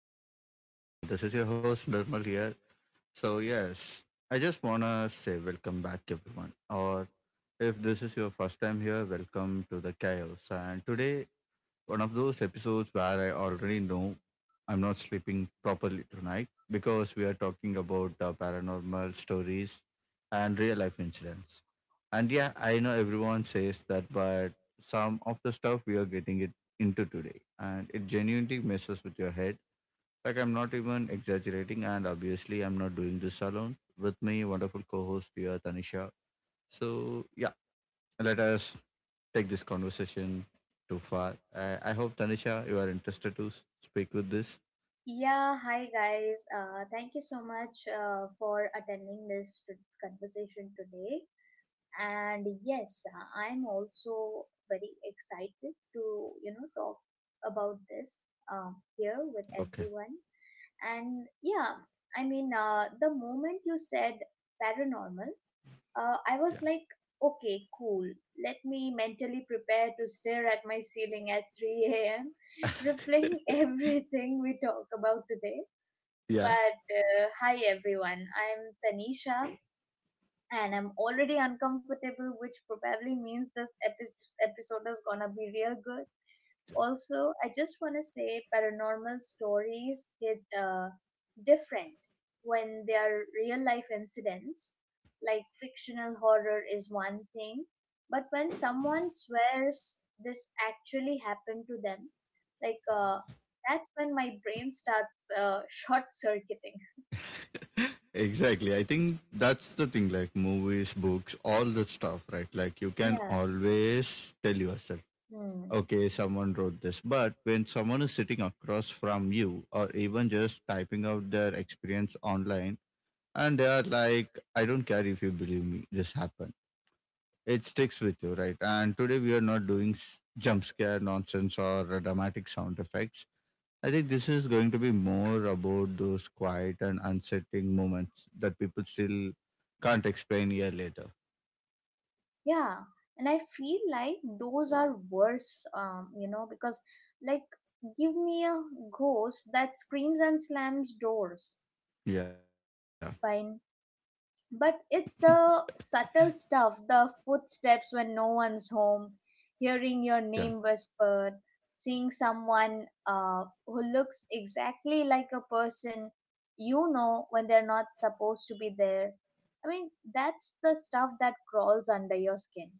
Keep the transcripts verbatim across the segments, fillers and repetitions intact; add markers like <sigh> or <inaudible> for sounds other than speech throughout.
our podcast. And this is your host, Nirmal here. So, yes, I just want to say welcome back, everyone. Or if this is your first time here, welcome to the chaos. And today, one of those episodes where I already know I'm not sleeping properly tonight because we are talking about uh, paranormal stories and real life incidents. And yeah, I know everyone says that, but some of the stuff we are getting it into today, and it genuinely messes with your head. Like I'm not even exaggerating, and obviously I'm not doing this alone. With me, wonderful co-host here, Tanisha. So yeah, let us take this conversation too far. I, I hope Tanisha, you are interested to s- speak with this. Yeah, hi guys. Uh, thank you so much uh, for attending this t- conversation today. And yes, uh, I'm also very excited to, you know, talk about this um, Okay. here with everyone. And yeah, I mean, uh, the moment you said paranormal, uh, Yeah. I was like, okay, cool. Let me mentally prepare to stare at my ceiling at three a m, replaying <laughs> everything we talk about today, <laughs> yeah. but uh, hi everyone, I'm Tanisha and I'm already uncomfortable, which probably means this epi- episode is gonna be real good. Also, I just wanna say paranormal stories hit uh, different when they are real life incidents. Like fictional horror is one thing, but when someone swears this actually happened to them, like uh, that's when my brain starts uh, <laughs> short circuiting. Exactly, I think that's the thing, like movies, books, all the stuff, right? Like you can Yeah. always tell yourself, Hmm. okay, someone wrote this, but when someone is sitting across from you or even just typing out their experience online and they are like, I don't care if you believe me, this happened, it sticks with you, right? And today we are not doing s- jump scare nonsense or dramatic sound effects. I think this is going to be more about those quiet and unsettling moments that people still can't explain a year later. Yeah. And I feel like those are worse, um, you know, because like give me a ghost that screams and slams doors. Yeah, Fine. But it's the subtle stuff, the footsteps when no one's home, hearing yeah. your name whispered, seeing someone uh, who looks exactly like a person you know when they're not supposed to be there. I mean, that's the stuff that crawls under your skin.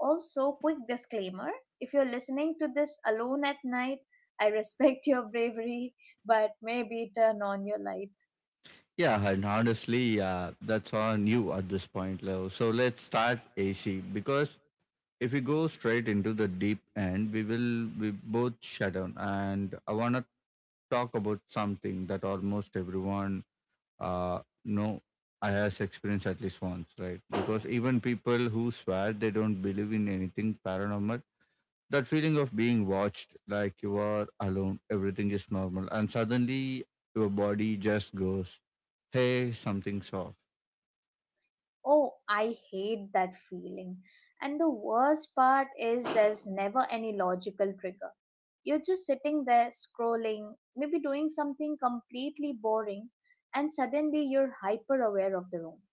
Also, quick disclaimer, if you're listening to this alone at night, I respect your bravery, but maybe turn on your light. Yeah, and honestly, uh, that's on you at this point, Leo. So let's start A C because if we go straight into the deep end, we will we both shut down. And I want to talk about something that almost everyone uh, know I has experienced at least once, right? Because even people who swear they don't believe in anything paranormal, that feeling of being watched, like you are alone, everything is normal, and suddenly your body just goes, hey, something's off. Oh, I hate that feeling. And the worst part is there's never any logical trigger. You're just sitting there scrolling, maybe doing something completely boring, and suddenly you're hyper aware of the room.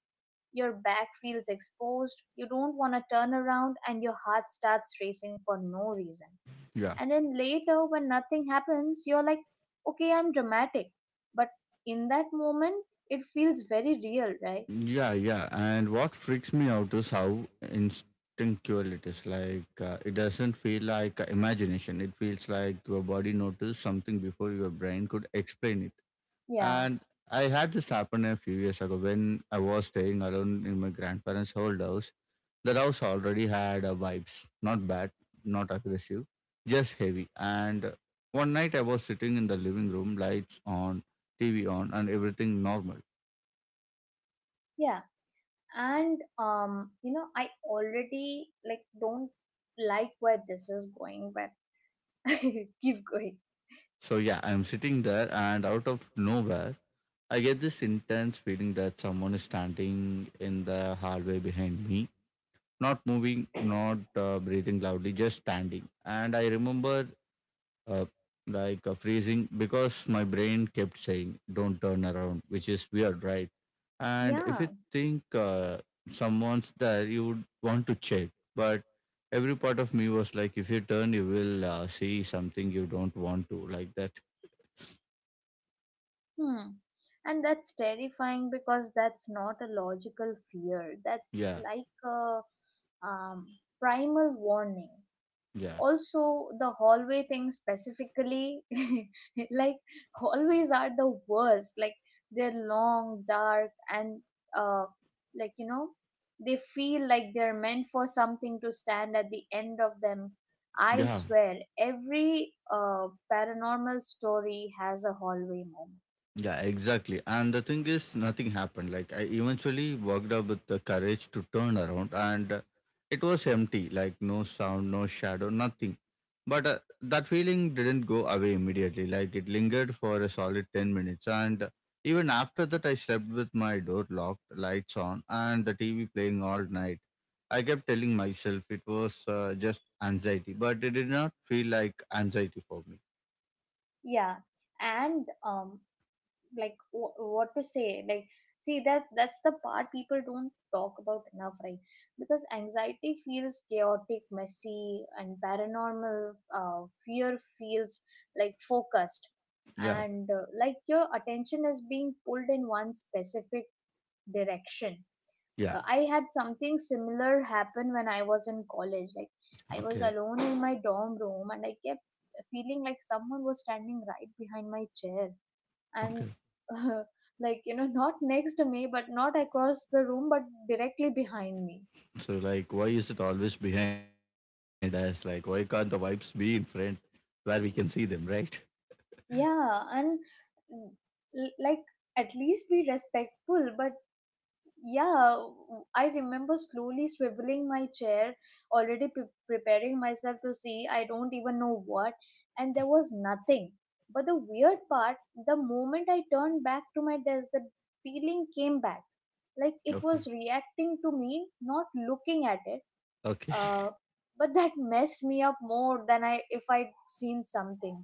Your back feels exposed, you don't want to turn around, and your heart starts racing for no reason. Yeah, And then later, when nothing happens, you're like, okay, I'm dramatic. But in that moment, it feels very real, right? yeah, yeah. And what freaks me out is how instinctual it is. Like, uh, it doesn't feel like imagination, it feels like your body noticed something before your brain could explain it. Yeah, And I had this happen a few years ago when I was staying alone in my grandparents' old house. The house already had a vibes, not bad, not aggressive, just heavy. And one night I was sitting in the living room, lights on, T V on, and everything normal. yeah. And, um, you know, I already like don't like where this is going, but <laughs> keep going. So yeah, I'm sitting there, and out of nowhere, I get this intense feeling that someone is standing in the hallway behind me, not moving, not uh, breathing loudly, just standing. And I remember uh, like uh, freezing because my brain kept saying don't turn around, which is weird, right? And if Yeah. you think uh, someone's there you would want to check, but every part of me was like, if you turn you will uh, see something you don't want to, like that. Hmm. And that's terrifying because that's not a logical fear. That's Yeah, like a um, primal warning. yeah, Also, the hallway thing specifically, <laughs> like hallways are the worst. Like they're long, dark, and uh, like you know, they feel like they're meant for something to stand at the end of them. I yeah. swear, every uh, paranormal story has a hallway moment. Yeah, exactly. And the thing is, nothing happened. Like I eventually worked up with the courage to turn around, and uh, it was empty. Like no sound, no shadow, nothing. But uh, that feeling didn't go away immediately. Like it lingered for a solid ten minutes, and even after that, I slept with my door locked, lights on, and the T V playing all night. I kept telling myself it was uh, just anxiety, but it did not feel like anxiety for me. Yeah, and um like wh- what to say, like see, that that's the part people don't talk about enough, right? Because anxiety feels chaotic, messy, and paranormal uh, fear feels like focused, Yeah, and uh, like your attention is being pulled in one specific direction. yeah, uh, I had something similar happen when I was in college. Like I was okay, alone in my dorm room and I kept feeling like someone was standing right behind my chair, and okay. <laughs> uh, like you know, not next to me, but not across the room, but directly behind me. So like, why is it always behind us? Like, why can't the vibes be in front where we can see them, right? Yeah, and l- like at least be respectful. But yeah, w- I remember slowly swiveling my chair, already pre- preparing myself to see I don't even know what, and there was nothing. But the weird part, the moment I turned back to my desk, the feeling came back, like it Okay. was reacting to me, not looking at it. Okay. Uh, but that <laughs> messed me up more than I if I'd seen something.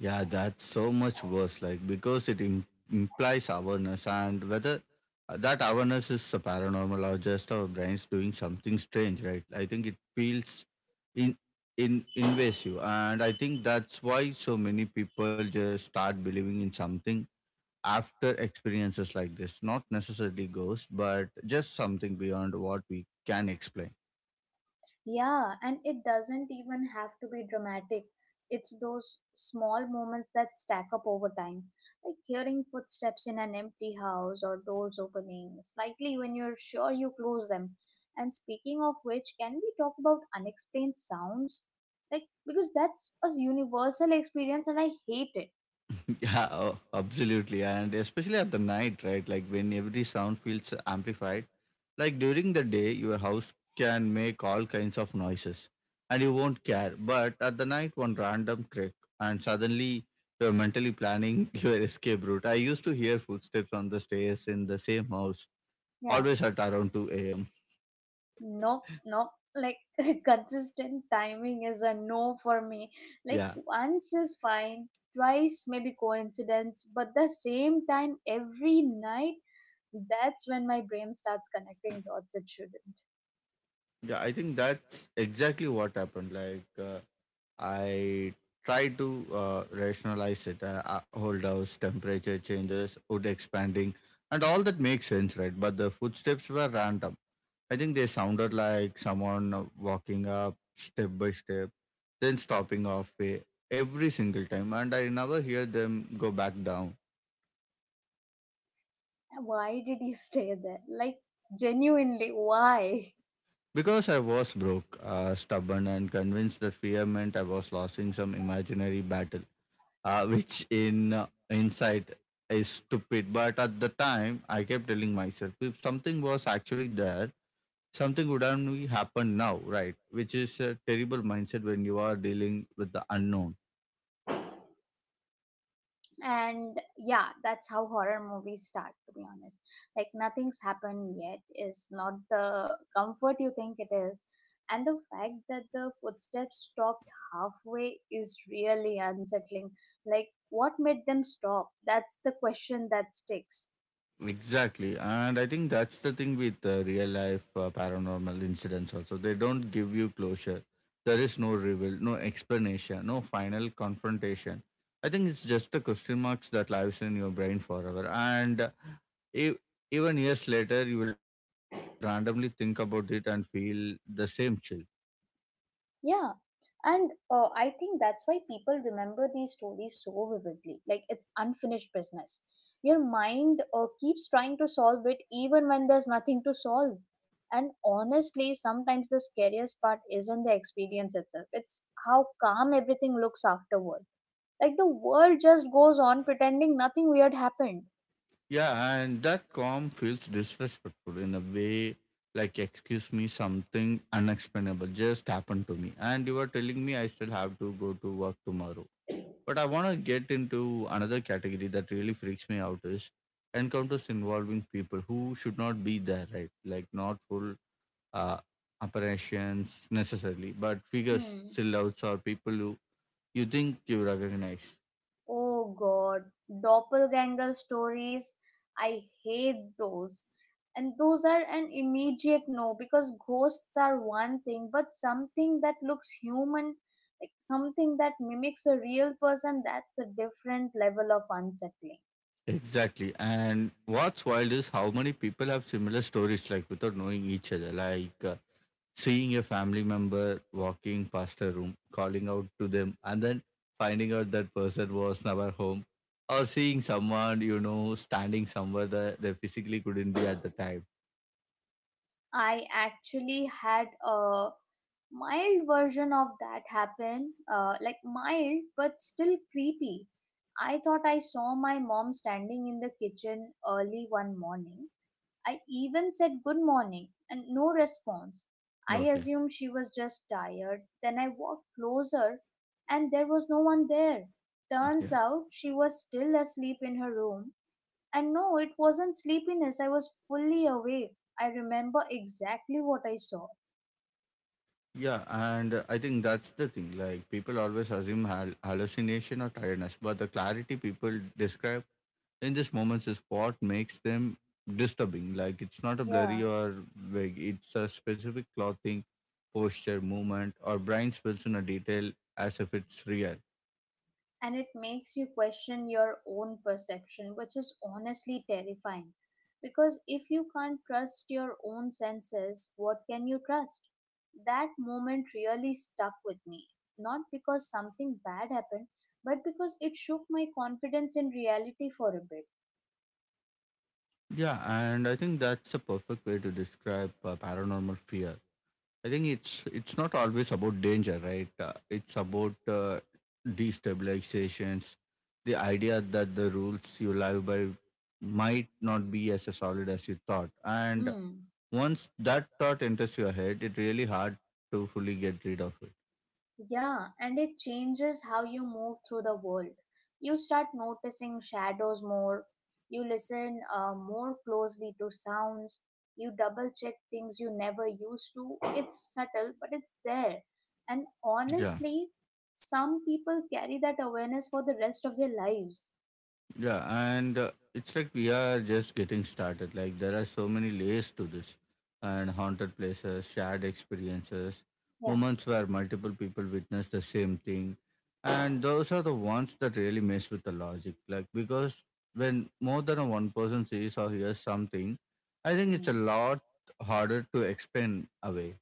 Yeah, that's so much worse. Like, because it Im- implies awareness, and whether uh, that awareness is a paranormal or just our brains doing something strange, right? I think it feels in in invasive, and I think that's why so many people just start believing in something after experiences like this, not necessarily ghosts but just something beyond what we can explain. Yeah, and it doesn't even have to be dramatic. It's those small moments that stack up over time, like hearing footsteps in an empty house or doors opening slightly when you're sure you close them. And speaking of which, can we talk about unexplained sounds? Like, because that's a universal experience and I hate it. <laughs> Yeah, oh, absolutely, and especially at the night, right? Like when every sound feels amplified, like during the day your house can make all kinds of noises and you won't care, but at the night one random crack and suddenly you're mentally planning <laughs> your escape route. I used to hear footsteps on the stairs in the same house, Yeah. always at around two a.m. Nope, nope. Like <laughs> consistent timing is a no for me. Like Yeah, once is fine, twice maybe coincidence, but the same time every night, that's when my brain starts connecting dots it shouldn't. yeah, I think that's exactly what happened. Like, uh, I tried to uh, rationalize it. Uh, uh, hold house, temperature changes, wood expanding, and all that makes sense, right? But the footsteps were random. I think they sounded like someone uh, walking up step by step, then stopping halfway every single time, and I never hear them go back down. Why did you <laughs> stay there? Like genuinely, why? Because I was broke, uh, stubborn, and convinced that fear meant I was losing some imaginary battle, uh, which in uh, hindsight is stupid. But at the time, I kept telling myself if something was actually there, something would only happen now, right? Which is a terrible mindset when you are dealing with the unknown. And yeah, that's how horror movies start, to be honest. Like nothing's happened yet is not the comfort you think it is, and the fact that the footsteps stopped halfway is really unsettling. Like what made them stop? That's the question that sticks. Exactly. And I think that's the thing with uh, real life uh, paranormal incidents also. They don't give you closure. There is no reveal, no explanation, no final confrontation. I think it's just the question marks that lives in your brain forever. And uh, e- even years later, you will randomly think about it and feel the same chill. Yeah, and uh, I think that's why people remember these stories so vividly. Like it's unfinished business. Your mind uh, keeps trying to solve it even when there's nothing to solve. And honestly, sometimes the scariest part isn't the experience itself, it's how calm everything looks afterward. Like the world just goes on pretending nothing weird happened. Yeah, and that calm feels disrespectful in a way, like, excuse me, something unexplainable just happened to me. And you are telling me I still have to go to work tomorrow. But I want to get into another category that really freaks me out is encounters involving people who should not be there, right? Like, not full uh, operations necessarily, but figures, Hmm. silhouettes, or people who you think you recognize. Oh god, doppelganger stories. I hate those. And those are an immediate no because ghosts are one thing, but something that looks human, like something that mimics a real person, that's a different level of unsettling. Exactly. And what's wild is how many people have similar stories, like without knowing each other, like uh, seeing a family member walking past a room, calling out to them, and then finding out that person was never home, or seeing someone, you know, standing somewhere that they physically couldn't be at the time. I actually had a mild version of that happen, uh, like mild but still creepy. I thought I saw my mom standing in the kitchen early one morning. I even said good morning and no response. I Okay. assumed she was just tired. Then I walked closer and there was no one there. Turns Yeah. out she was still asleep in her room. And no, it wasn't sleepiness. I was fully awake. I remember exactly what I saw. Yeah. And uh, I think that's the thing. Like people always assume hal- hallucination or tiredness, but the clarity people describe in these moments is what makes them disturbing. Like it's not a blurry Yeah. or vague, it's a specific clothing, posture, movement, or brain spills in a detail as if it's real. And it makes you question your own perception, which is honestly terrifying. Because if you can't trust your own senses, what can you trust? That moment really stuck with me, not because something bad happened, but because it shook my confidence in reality for a bit. Yeah, and I think that's the perfect way to describe uh, paranormal fear. I think it's it's not always about danger, right? Uh, it's about uh, destabilizations, the idea that the rules you live by might not be as solid as you thought, and Hmm. once that thought enters your head, it's really hard to fully get rid of it. Yeah, and it changes how you move through the world. You start noticing shadows more, you listen uh, more closely to sounds, you double check things you never used to. It's subtle, but it's there. And Yeah, honestly, some people carry that awareness for the rest of their lives. yeah, and uh, it's like we are just getting started. Like there are so many layers to this, and haunted places, shared experiences, Yeah. moments where multiple people witness the same thing, and those are the ones that really mess with the logic. Like because when more than one person sees or hears something, I think it's a Mm. lot harder to explain away.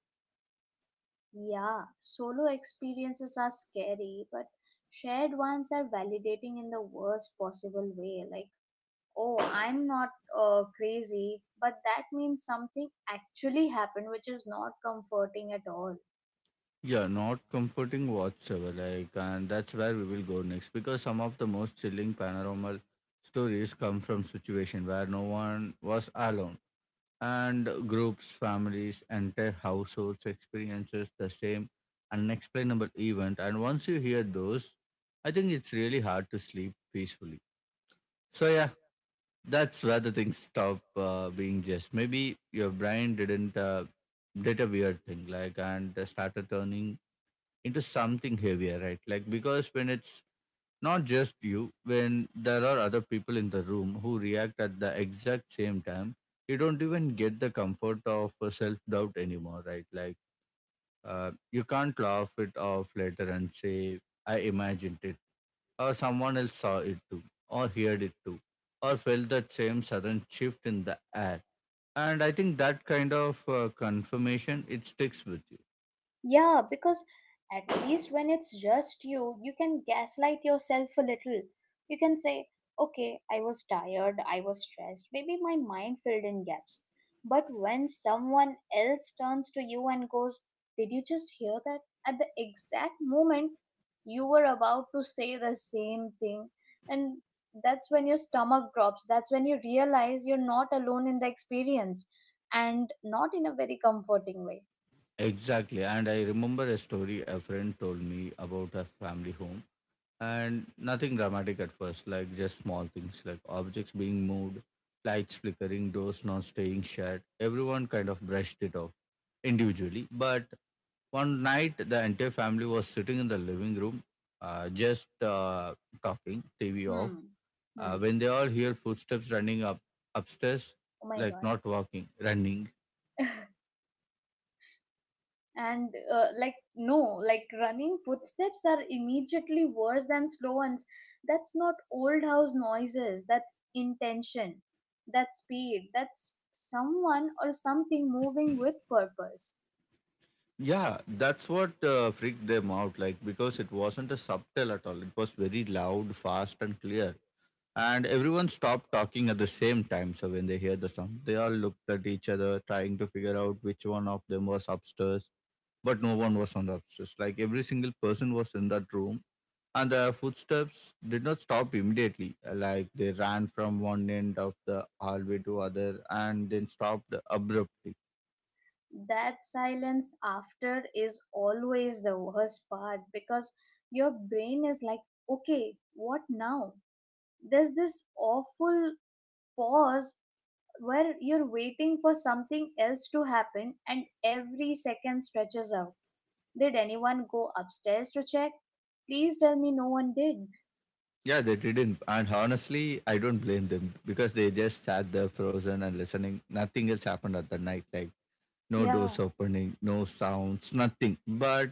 Yeah, solo experiences are scary, but shared ones are validating in the worst possible way. Like, oh, I'm not uh, crazy, but that means something actually happened, which is not comforting at all. Yeah, not comforting whatsoever. Like, and that's where we will go next because some of the most chilling paranormal stories come from situation where no one was alone, and groups, families, entire households experiences the same unexplainable event. And once you hear those, I think it's really hard to sleep peacefully. So yeah, that's where the things stop uh, being just. Maybe your brain didn't uh, did a weird thing, like, and started turning into something heavier, right? Like because when it's not just you, when there are other people in the room who react at the exact same time, you don't even get the comfort of self doubt anymore, right? Like uh, you can't laugh it off later and say, I imagined it, or someone else saw it too, or heard it too, or felt that same sudden shift in the air. And I think that kind of uh, confirmation, it sticks with you. Yeah, because at least when it's just you, you can gaslight yourself a little. You can say, okay, I was tired, I was stressed, maybe my mind filled in gaps. But when someone else turns to you and goes, did you just hear that? At the exact moment you were about to say the same thing. And that's when your stomach drops. That's when you realize you're not alone in the experience, and not in a very comforting way. Exactly. And I remember a story a friend told me about a family home, and nothing dramatic at first, like just small things like objects being moved, lights flickering, doors not staying shut. Everyone kind of brushed it off individually. But one night, the entire family was sitting in the living room, uh, just uh, talking, T V off. Hmm. Uh, Hmm. When they all hear footsteps running up upstairs, Oh my like god. not walking, running. And uh, like no, like running footsteps are immediately worse than slow ones. That's not old house noises. That's intention. That's speed. That's someone or something moving with purpose. Yeah, that's what uh, freaked them out, like because it wasn't a subtle at all. It was very loud, fast, and clear. And everyone stopped talking at the same time. So when they hear the sound, they all looked at each other, trying to figure out which one of them was upstairs. But no one was on the upstairs. Like every single person was in that room, and the footsteps did not stop immediately. Like they ran from one end of the hallway to other, and then stopped abruptly. That silence after is always the worst part because your brain is like, okay, what now? There's this awful pause where you're waiting for something else to happen and every second stretches out. Did anyone go upstairs to check? Please tell me no one did. Yeah, they didn't. And honestly, I don't blame them because they just sat there frozen and listening. Nothing else happened at the night, like no doors Yeah. opening, no sounds, nothing. But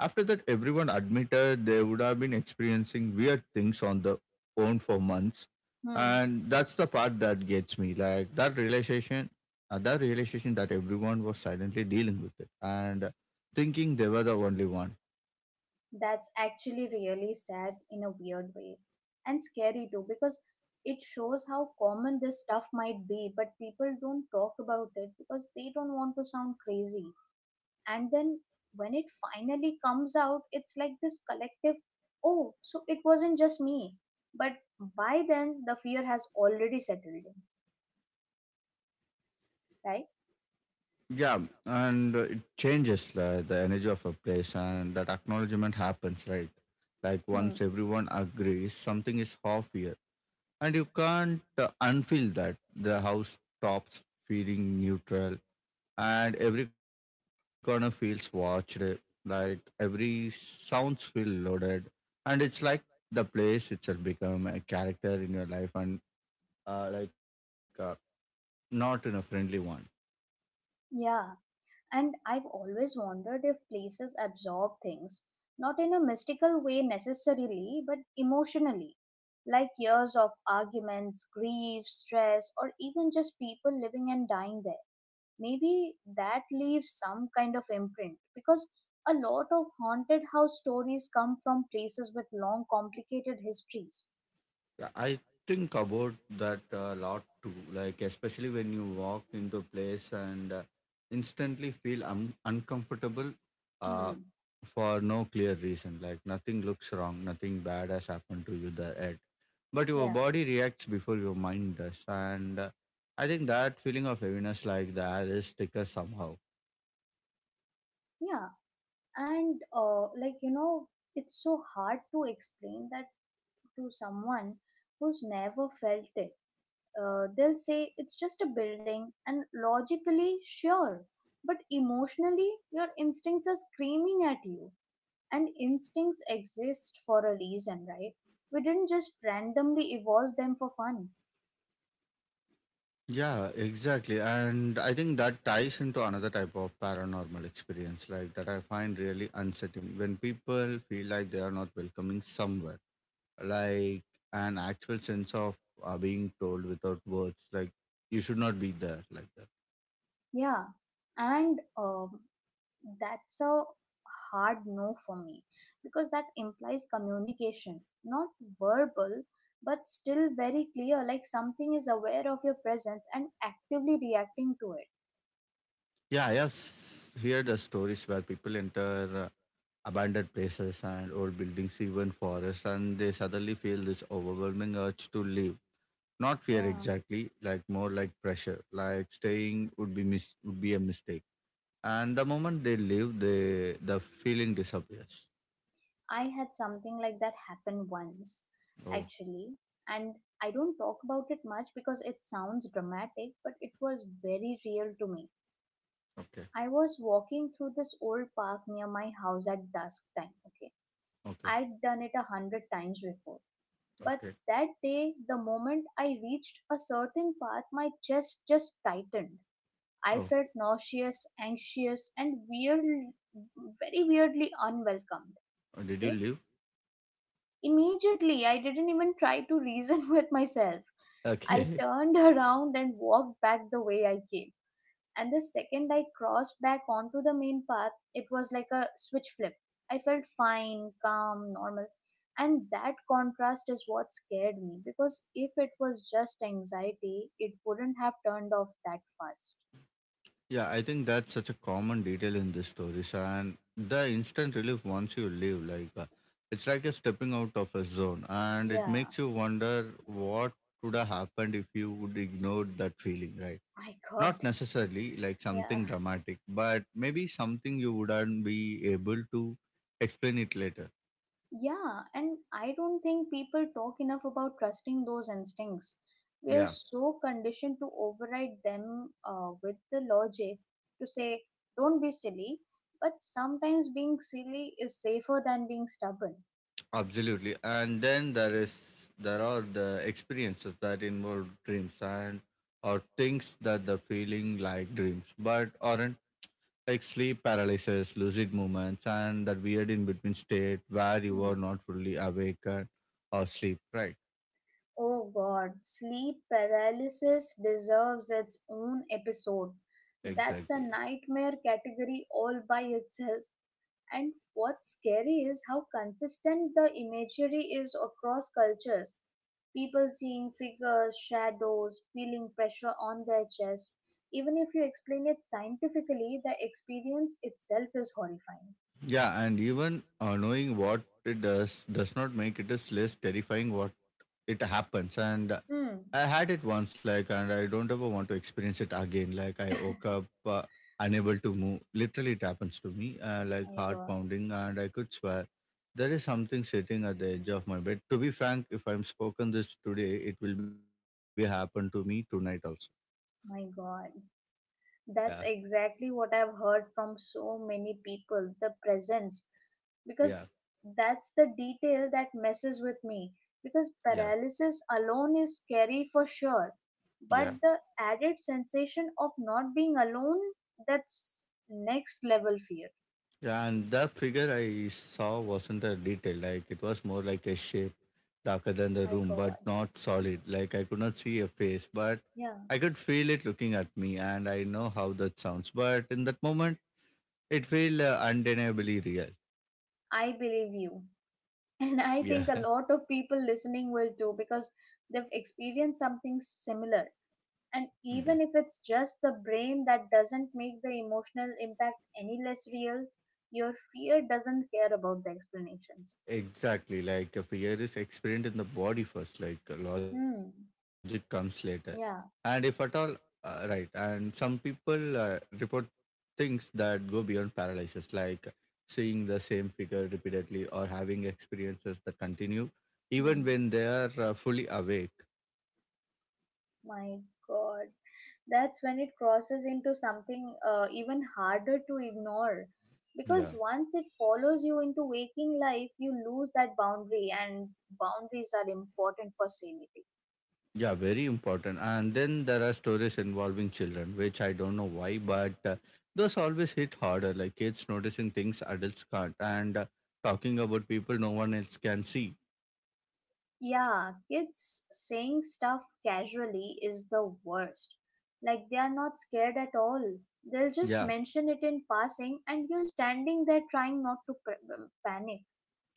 after that, everyone admitted they would have been experiencing weird things on their own for months. Hmm. And that's the part that gets me. Like that realization, uh, that realization that everyone was silently dealing with it and thinking they were the only one. That's actually really sad in a weird way. And scary too, because it shows how common this stuff might be, but people don't talk about it because they don't want to sound crazy. And then when it finally comes out, it's like this collective, oh, so it wasn't just me. But by then the fear has already settled in, right? Yeah, and uh, it changes uh, the energy of a place, and that acknowledgement happens, right? Like Hmm. once everyone agrees, something is off here, and you can't uh, unfeel that. The house stops feeling neutral, and every corner feels watched. Like every sounds feel loaded, and it's like the place itself become a character in your life, and uh, like uh, not in a friendly one. Yeah, and I've always wondered if places absorb things, not in a mystical way necessarily, but emotionally, like years of arguments, grief, stress, or even just people living and dying there. Maybe that leaves some kind of imprint because a lot of haunted house stories come from places with long complicated histories. Yeah, I think about that a lot too. Like especially when you walk into a place and uh, instantly feel un- uncomfortable uh, Hmm. for no clear reason. Like nothing looks wrong, nothing bad has happened to you there yet. But your Yeah. body reacts before your mind does, and uh, I think that feeling of heaviness, like the air is thicker somehow. Yeah, and uh, like you know, it's so hard to explain that to someone who's never felt it. Uh, they'll say it's just a building, and logically sure, but emotionally your instincts are screaming at you. And instincts exist for a reason, right? We didn't just randomly evolve them for fun. Yeah, exactly. And I think that ties into another type of paranormal experience, like that I find really unsettling when people feel like they are not welcoming somewhere, like an actual sense of uh, being told without words, like you should not be there, like that. Yeah. And um, that's a hard no for me because that implies communication, not verbal, but still very clear, like something is aware of your presence and actively reacting to it. Yeah, I have s- heard the stories where people enter uh, abandoned places and old buildings, even forests, and they suddenly feel this overwhelming urge to leave. Not fear Yeah. exactly, like more like pressure. Like staying would be mis- would be a mistake. And the moment they leave, the the feeling disappears. I had something like that happen once, Oh, actually, and I don't talk about it much because it sounds dramatic, but it was very real to me. okay, I was walking through this old park near my house at dusk time, okay? okay, I'd done it a hundred times before, but okay. that day, the moment I reached a certain path, my chest just tightened. I Oh, felt nauseous, anxious, and weird, very weirdly unwelcomed. uh, did you Okay, leave? immediately, I didn't even try to reason <laughs> with myself. I Okay. turned <laughs> around and walked back the way I came. And the second I crossed back onto the main path, it was like a switch flip. I felt fine, calm, normal. And that contrast is what scared me because if it was just anxiety, it wouldn't have turned off that fast. Yeah, I think that's such a common detail in these stories, and the instant relief once you leave, like uh, it's like you're stepping out of a zone, and it Yeah, makes you wonder what would have happened if you would ignore that feeling, right? <laughs> my Not god. necessarily like Yeah. something dramatic, but maybe something you wouldn't be able to explain it later. Yeah, and I don't think people talk enough about trusting those instincts. We are Yeah, so conditioned to override them uh, with the logic to say, don't be silly, but sometimes being silly is safer than being stubborn. absolutely. And then there is there are the experiences that involve dreams and or things that the feeling like dreams, but aren't like sleep paralysis, lucid movements, and that weird in between state where you Hmm. are not fully awake and- or sleep. Right? Oh god, sleep paralysis deserves its own episode. That's a Exactly. nightmare category all by itself. And what's scary is how consistent the imagery is across cultures. People seeing figures, shadows, feeling pressure on their chest. Even if you explain it scientifically, the experience itself is horrifying. Yeah, and even uh, knowing what it does does not make it is less terrifying what it happens. And uh, Hmm. I had it once, like, and I don't ever want to experience it again. Like, I woke <laughs> up uh, unable to move. Literally, it happens to me, uh, like My heart God, pounding, and I could swear there is something sitting at the edge of my bed. To be frank, if I'm spoken this today, it will be happen to me tonight also. my God. Yeah, That's exactly what I've heard from so many people, the presence. yeah, Because that's the detail that messes with me. Because yeah, paralysis alone is scary for sure. yeah. But the added sensation of not being alone, that's next level fear. Yeah, and the figure I saw wasn't a detail, like it was more like a shape darker than the My room, but God. not solid. Like I could not see a face, but Yeah, I could feel it looking at me, and I know how that sounds. But in that moment, it felt uh, undeniably real. I believe you. <laughs> And I Yeah. think a lot of people listening will too because they've experienced something similar. And even if <laughs> it's just the brain, that doesn't make the emotional impact any less real, your fear doesn't care about the explanations. Exactly, like a fear is experienced in the body first, like uh, logic Hmm. comes later. And if at all, Yeah. uh, right, and some people uh, report things that go beyond paralysis, like seeing the same figure repeatedly or having experiences that continue even Hmm. when they are uh, fully awake. My God, that's when it crosses into something uh, even harder to ignore, Yeah. because once it follows you into waking life you lose that boundary, and boundaries are important for sanity. Yeah, very important. And then there are stories involving children, which I don't know why, but uh, those always hit harder, like kids noticing things adults can't, and uh, talking about people no one else can see. Yeah, kids saying stuff casually is the worst. Like, they are not scared at all. They'll just Yeah, mention it in passing and you're standing there trying not to pr- panic.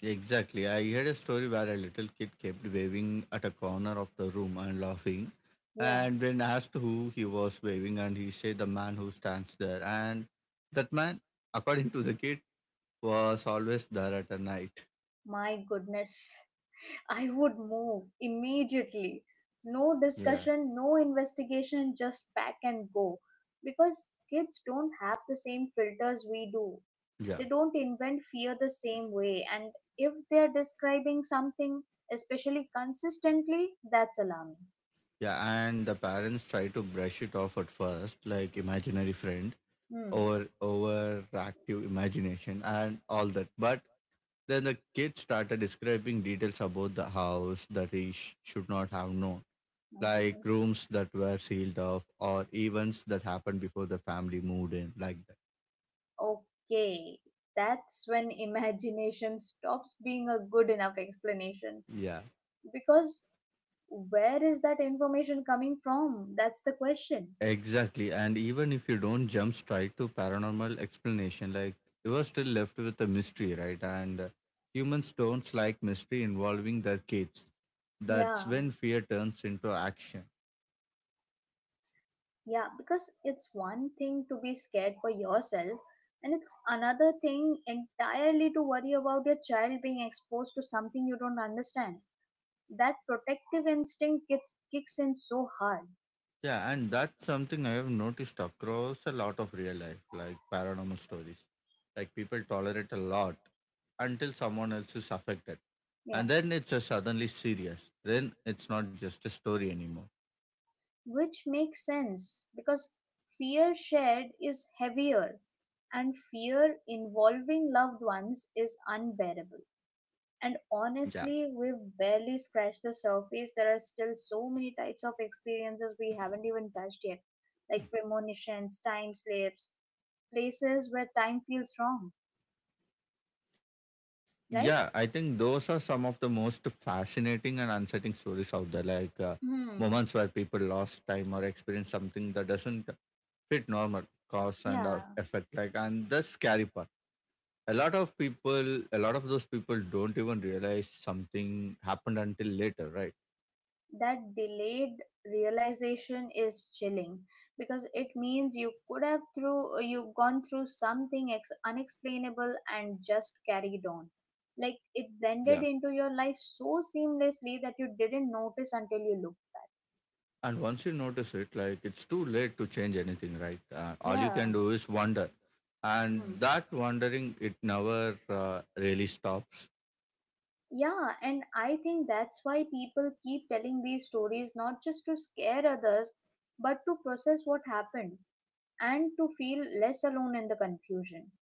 exactly. I heard a story where a little kid kept waving at a corner of the room and laughing. Yeah, And when asked who he was waving, and he said the man who stands there. And that man, according to the kid, was always there at a night. my goodness. I would move immediately. No Yeah, discussion, no investigation, just pack and go. Because kids don't have the same filters we do. yeah. They don't invent fear the same way. And if they're describing something, especially consistently, that's alarming. Yeah, and the parents try to brush it off at first, like imaginary friend Hmm, or overactive imagination and all that. But then the kid started describing details about the house that he sh- should not have known, my like goodness. rooms that were sealed off or events that happened before the family moved in, like that. Okay, that's when <laughs> imagination stops being a good enough explanation. Yeah. Because where is that information coming from? That's the question. Exactly. And even if you don't jump straight to paranormal explanation, like you are still left with a mystery, right? And uh, humans don't like mystery involving their kids. That's Yeah, when fear turns into action. yeah, because it's one thing to be scared for yourself, and it's another thing entirely to worry about your child being exposed to something you don't understand. That protective instinct gets, kicks in so hard. Yeah, and that's something I have noticed across a lot of real life, like paranormal stories. Like people tolerate a lot until someone else is affected. Yeah, And then it's uh, suddenly serious. Then it's not just a story anymore. which makes sense because fear shared is heavier, and fear involving loved ones is unbearable. And Yeah. honestly, we've barely scratched the surface. There are still so many types of experiences we haven't even touched yet, like premonitions, time slips, places where time feels wrong, right? Yeah, I think those are some of the most fascinating and unsettling stories out there, like uh, Hmm. moments where people lost time or experienced something that doesn't fit normal cause and uh, Yeah, effect. Like, and the scary part. A lot of people, a lot of those people don't even realize something happened until later, right? that delayed realization is chilling, because it means you could have through you gone through something ex- unexplainable and just carried on. Like it Yeah. blended into your life so seamlessly that you didn't notice until you looked. And once you notice it, like, it's too late to change anything, right? Uh, all you can Yeah, do is wonder. And Hmm. that wondering, it never uh, really stops. Yeah, and I think that's why people keep telling these stories, not just to scare others, but to process what happened and to feel less alone in the confusion.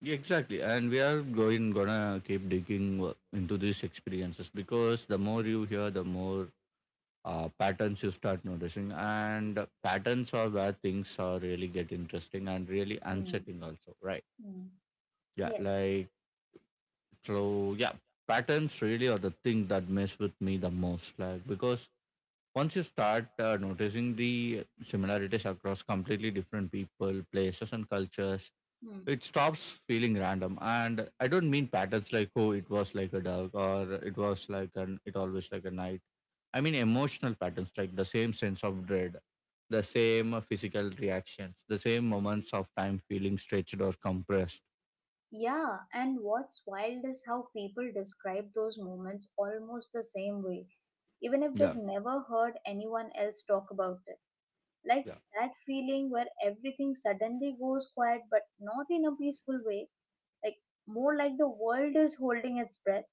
Yeah, exactly, and we are going gonna keep digging uh, into these experiences because the more you hear, the more uh, patterns you start noticing, and patterns are where things are really get interesting and really Hmm. unsettling, also, right? Hmm. Yeah, Yes. like so, yeah, patterns really are the thing that mess with me the most, like because once you start uh, noticing the similarities across completely different people, places, and cultures, Hmm. it stops feeling random. And I don't mean patterns like, oh, it was like a dog or it was like an it always like a night. I mean emotional patterns like the same sense of dread, the same uh, physical reactions, the same moments of time feeling stretched or compressed. Yeah, and what's wild is how people describe those moments almost the same way, even if Yeah, they've never heard anyone else talk about it. Like yeah. that feeling where everything suddenly goes quiet, but not in a peaceful way, like more like the world is holding its breath.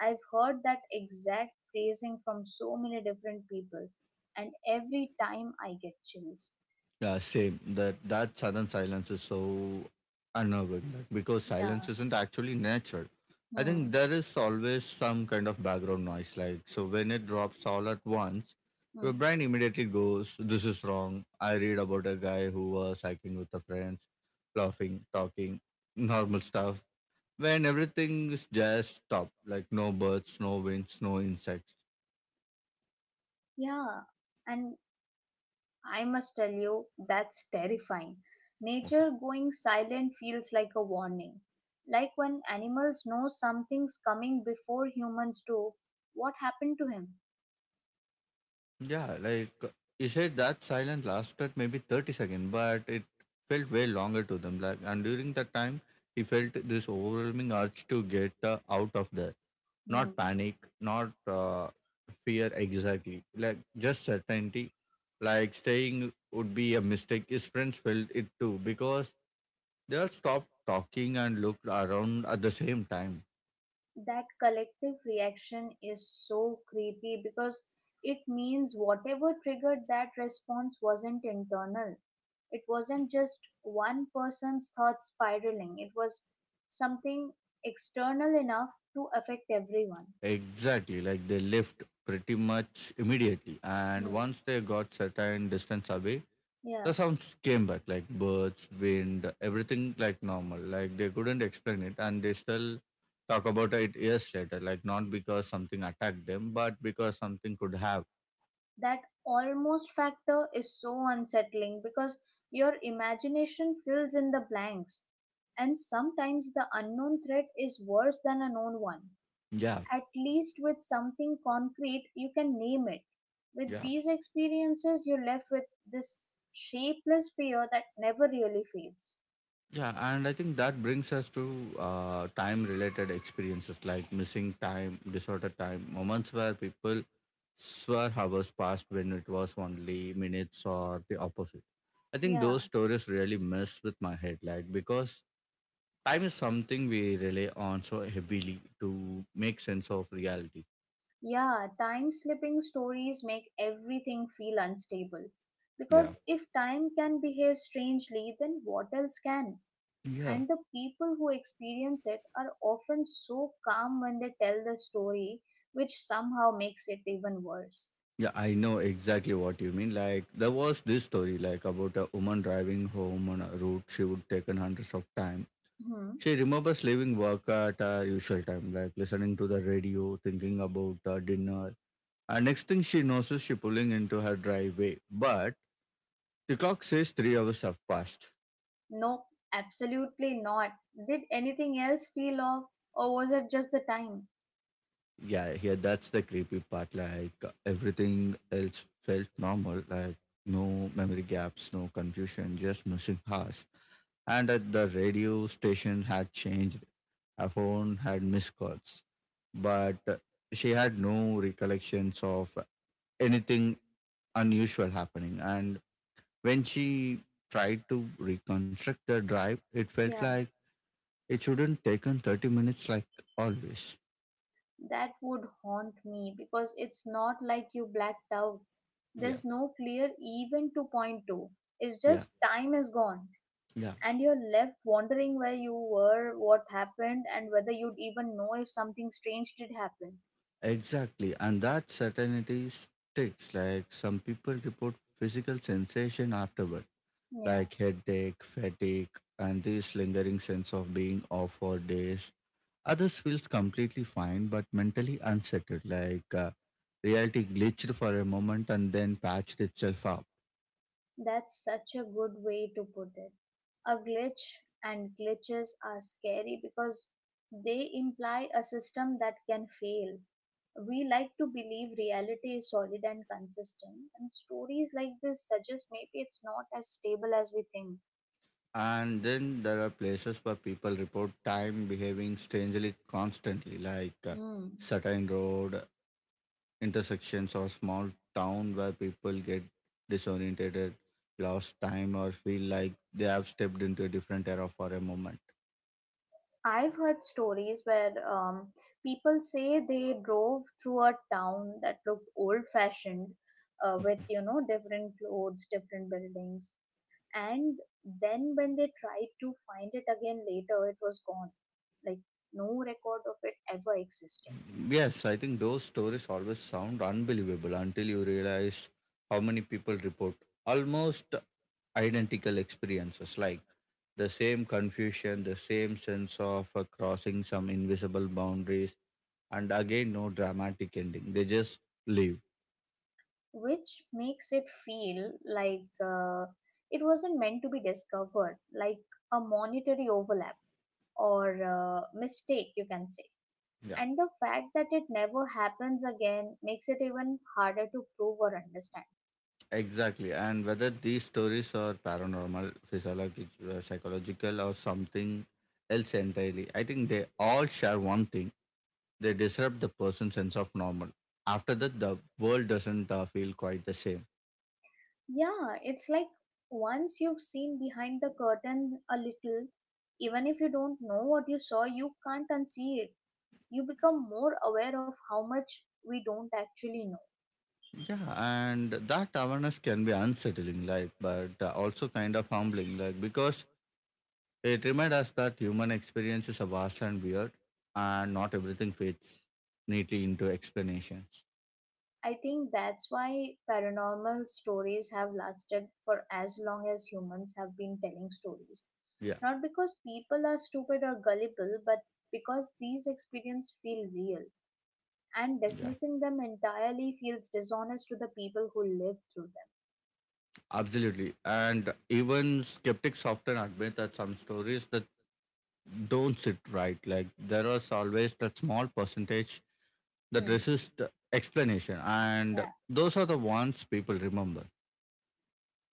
I've heard that exact phrasing from so many different people, and every time I get chills. Yeah, same. That that sudden silence is so unnerving that- because silence Yeah. isn't actually natural. I think Hmm. there is always some kind of background noise. Like so, when it drops all at once, your Hmm. brain immediately goes, "This is wrong." I read about a guy who was hiking with the friends, laughing, talking, normal stuff. When everything is just stopped, like no birds, no winds, no insects. Yeah. And I must tell you, that's terrifying. Nature going silent feels like a warning. Like when animals know something's coming before humans do. What happened to him? Yeah, like you said, that silence lasted maybe thirty seconds, but it felt way longer to them. Like, and during that time, he felt this overwhelming urge to get uh, out of there. Not Hmm. panic, not uh, fear exactly, like just certainty. Like staying would be a mistake. His friends felt it too because they all stopped talking and looked around at the same time. That collective reaction is so creepy, because it means whatever triggered that response wasn't internal. It wasn't just one person's thoughts spiraling, it was something external enough to affect everyone. Exactly, like they left pretty much immediately, and Hmm. once they got certain distance away, Yeah, the sounds came back like birds, wind, everything like normal. Like they couldn't explain it, and they still talk about it years later. Like not because something attacked them, but because something could have. that almost factor is so unsettling, because your imagination fills in the blanks, and sometimes the unknown threat is worse than a known one. Yeah, At least with something concrete you can name it, with yeah, these experiences you're left with this shapeless fear that never really fades. yeah. And I think that brings us to uh, time-related experiences like missing time, disorder time, moments where people swear hours passed when it was only minutes or the opposite. I think Yeah, those stories really mess with my head, like because time is something we rely on so heavily to make sense of reality. yeah time slipping stories make everything feel unstable, Yeah. because if time can behave strangely then what else can. Yeah. And the people who experience it are often so calm when they tell the story, which somehow makes it even worse. Yeah, I know exactly what you mean. Like there was this story like about a woman driving home on a route she would taken hundreds of time. Hmm. She remembers leaving work at her usual time, like listening to the radio, thinking about uh, dinner, and next thing she notices, she pulling into her driveway. But the clock says three hours have passed. No, absolutely not. Did anything else feel off, or was it just the time? Yeah, here that's the creepy part. Like everything else felt normal. Like no memory gaps, no confusion, just missing hours. And at the radio station had changed. Her phone had missed calls, but uh, she had no recollections of anything unusual happening. And when she tried to reconstruct the drive, it felt Yeah, like it shouldn't taken thirty minutes like always. that would haunt me because it's not like you blacked out. Yeah. There's no clear event to point to. It's Yeah, just time is gone, yeah, and you're left wondering where you were, what happened, and whether you'd even know if something strange did happen. exactly. And that certainty sticks. Like some people report physical sensation afterward, Yeah. like headache, fatigue, and this lingering sense of being off for days. Others feels completely fine, but mentally unsettled, like uh, reality glitched for a moment and then patched itself up. That's such a good way to put it. A glitch, and glitches are scary because they imply a system that can fail. We like to believe reality is solid and consistent, and stories like this suggest maybe it's not as stable as we think. And then there are places where people report time behaving strangely constantly, like uh, Hmm. certain road intersections or small town where people get disoriented, lost time, or feel like they have stepped into a different era for a moment. I've heard stories where um, people say they drove through a town that looked old fashioned uh, with, you know, different clothes, different buildings, and then when they tried to find it again later it was gone, like no record of it ever existing. Yes, I think those stories always sound unbelievable until you realize how many people report almost identical experiences, like the same confusion, the same sense of uh, crossing some invisible boundaries. And again, no dramatic ending, they just leave. Which makes it feel like uh, it wasn't meant to be discovered, like a monetary overlap or uh, mistake you can say. Yeah, And the fact that it never happens again makes it even harder to prove or understand. exactly. And whether these stories are paranormal, physiological, uh, psychological or something else entirely, I think they all share one thing: they disrupt the person's sense of normal. After that the world doesn't uh, feel quite the same. Yeah, it's like once you've seen behind the curtain a little, even if you don't know what you saw, you can't unsee it. You become more aware of how much we don't actually know. Yeah, and that awareness can be unsettling, like but uh, also kind of humbling, like because it reminds us that human experiences are vast and weird, and not everything fits neatly into explanations. I think that's why paranormal stories have lasted for as long as humans have been telling stories. Yeah, Not because people are stupid or gullible, but because these experiences feel real. yeah, And dismissing them entirely feels dishonest to the people who lived through them. absolutely. And even skeptics often admit that some stories that don't sit right, like there is always that small percentage that Hmm. resist explanation, and Yeah. those are the ones people remember.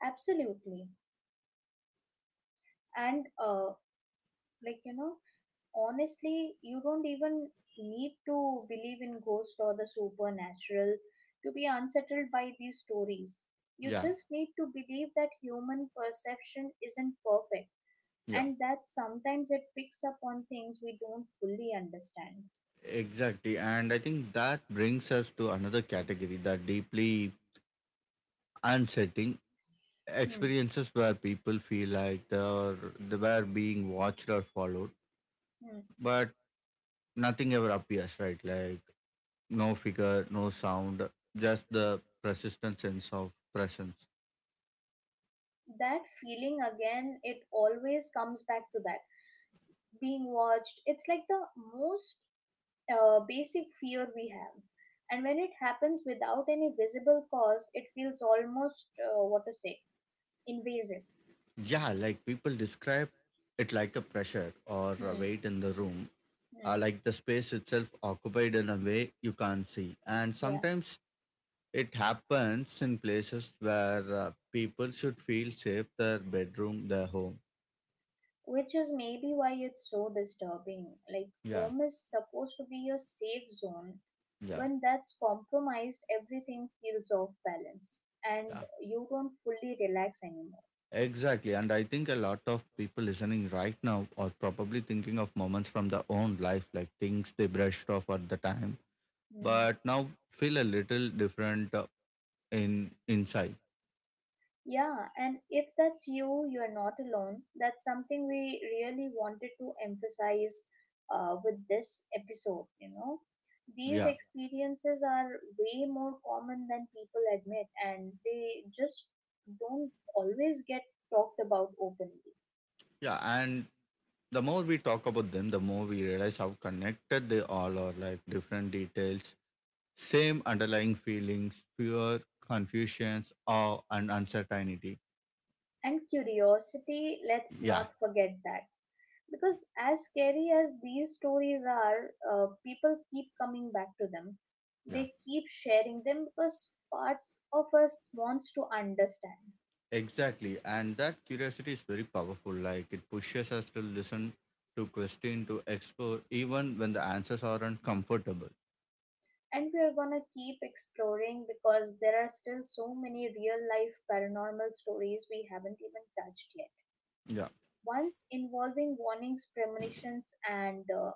Absolutely. And uh, like you know, honestly, you don't even need to believe in ghost or the supernatural to be unsettled by these stories. You Yeah, just need to believe that human perception isn't perfect, yeah, and that sometimes it picks up on things we don't fully understand. exactly. And I think that brings us to another category, that deeply unsettling Hmm. experiences where people feel like they're they were being watched or followed, hmm. but nothing ever appears, right? Like no figure, no sound, just the persistent sense of presence. That feeling again, it always comes back to that. Being watched, it's like the most uh, basic fear we have. And when it happens without any visible cause, it feels almost, uh, what to say, invasive. Yeah, like people describe it like a pressure or a Hmm. weight in the room, Hmm. uh, like the space itself occupied in a way you can't see. And Yeah. sometimes it happens in places where uh, people should feel safe, their bedroom, their home. Which is maybe why it's so disturbing. Like, Yeah, home is supposed to be your safe zone. yeah, When that's compromised, everything feels off balance and yeah. you don't fully relax anymore. Exactly. And I think a lot of people listening right now are probably thinking of moments from their own life, like things they brushed off at the time, Hmm. but now feel a little different uh, in inside. Yeah, and if that's you, you're not alone. That's something we really wanted to emphasize uh, with this episode, you know. Yeah. These experiences are way more common than people admit, and they just don't always get talked about openly. Yeah. And the more we talk about them, the more we realize how connected they all are, like different details, same underlying feelings: fear, confusions, awe, and uncertainty. And curiosity, let's Yeah. not forget that. Because as scary as these stories are, uh, people keep coming back to them, Yeah. they keep sharing them because part of us wants to understand. Exactly. And that curiosity is very powerful. Like it pushes us to listen, to question, to explore, even when the answers aren't comfortable. And we are going to keep exploring, because there are still so many real life paranormal stories we haven't even touched yet. Yeah. Once involving warnings, premonitions, and uh,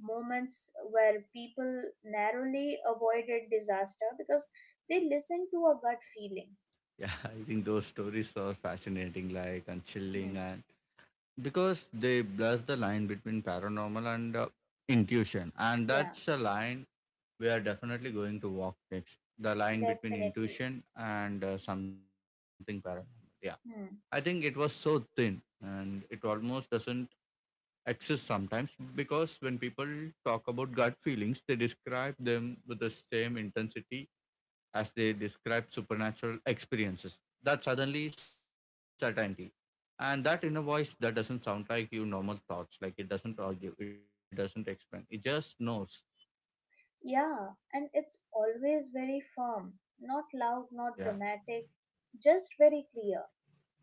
moments where people narrowly avoided disaster because they listened to a gut feeling. Yeah. <laughs> I think those stories are fascinating, like and Hmm. chilling, and because they blur the line between paranormal and uh, intuition. And Yeah. that's a line we are definitely going to walk next. The line between Definitely. intuition and uh, something paranormal. Yeah. I think it Hmm. was so thin and it almost doesn't access sometimes, because when people talk about gut feelings, they describe them with the same intensity as they describe supernatural experiences. That suddenly certainty. And that inner voice that doesn't sound like your normal thoughts. Like it doesn't argue, it doesn't explain. It just knows. Yeah, and it's always very firm, not loud, Yeah, not dramatic, just very clear.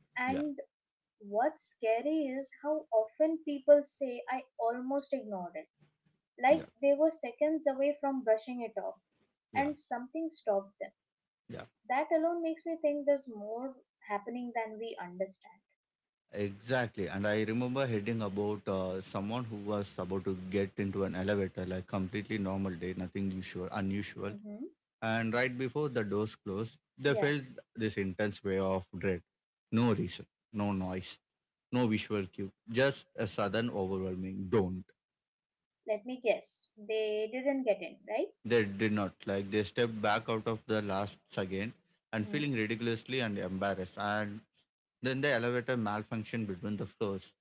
yeah, And what's scary is how often people say, I almost ignored it, yeah, like they were seconds away from brushing it off, yeah, and something stopped them. yeah. That alone makes me think there's more happening than we understand. Exactly. And I remember heading about uh, someone who was about to get into an elevator, like completely normal day, nothing usual, unusual, Hmm and right before the doors closed, they Yeah, felt this intense wave of dread. No reason, no noise, no visual cue, just a sudden overwhelming don't. let me guess. They didn't get in, right? They did not like. They stepped back out of the last again and Hmm. feeling ridiculously and embarrassed. And then the elevator malfunctioned between the floors.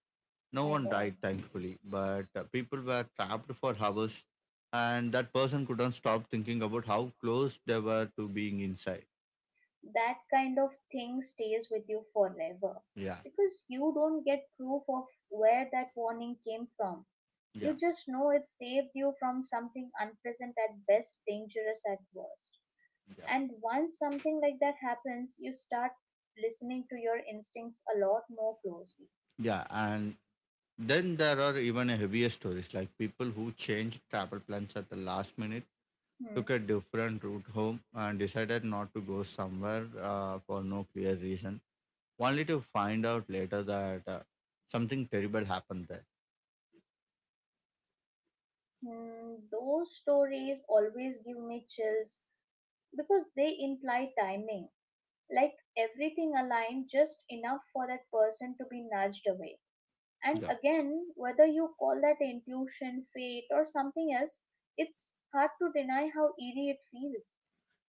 No My one god. died, thankfully, but uh, people were trapped for hours, and that person couldn't stop thinking about how close they were to being inside. That kind of thing stays with you forever Yeah, because you don't get proof of where that warning came from. yeah, You just know it saved you from something unpleasant at best, dangerous at worst. yeah And once something like that happens, you start listening to your instincts a lot more closely. yeah and then there are even heavier stories like people who changed travel plans at the last minute, Hmm. took a different route home, and decided not to go somewhere uh, for no clear reason, only to find out later that uh, something terrible happened there. Hmm. Those stories always give me chills because they imply timing. Like everything aligned just enough for that person to be nudged away, and Yeah. again, whether you call that intuition, fate, or something else, it's hard to deny how eerie it feels.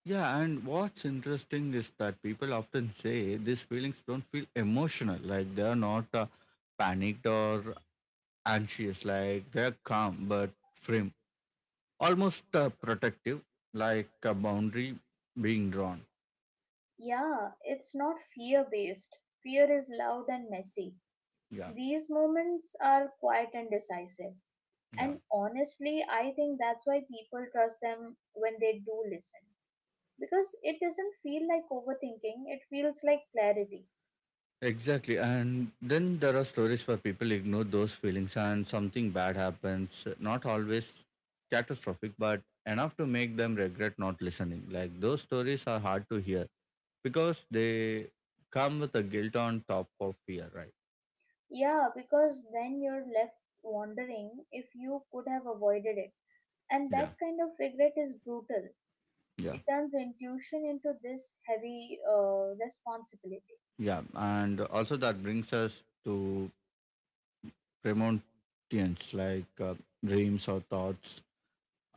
Yeah, and what's interesting is that people often say these feelings don't feel emotional, like they are not uh, panicked or anxious, like they are calm but firm. Almost uh, protective, like a boundary being drawn. Yeah, it's not fear based. Fear is loud and messy, Yeah, these moments are quiet and decisive. yeah, And honestly, I think that's why people trust them when they do listen, because it doesn't feel like overthinking, it feels like clarity. exactly. And then there are stories where people ignore those feelings and something bad happens, not always catastrophic, but enough to make them regret not listening. Like those stories are hard to hear because they come with a guilt on top of fear, right? Yeah, because then you're left wondering if you could have avoided it, and Yeah, that kind of regret is brutal. yeah, It turns intuition into this heavy uh, responsibility. yeah. And also that brings us to premonitions, like uh, dreams or thoughts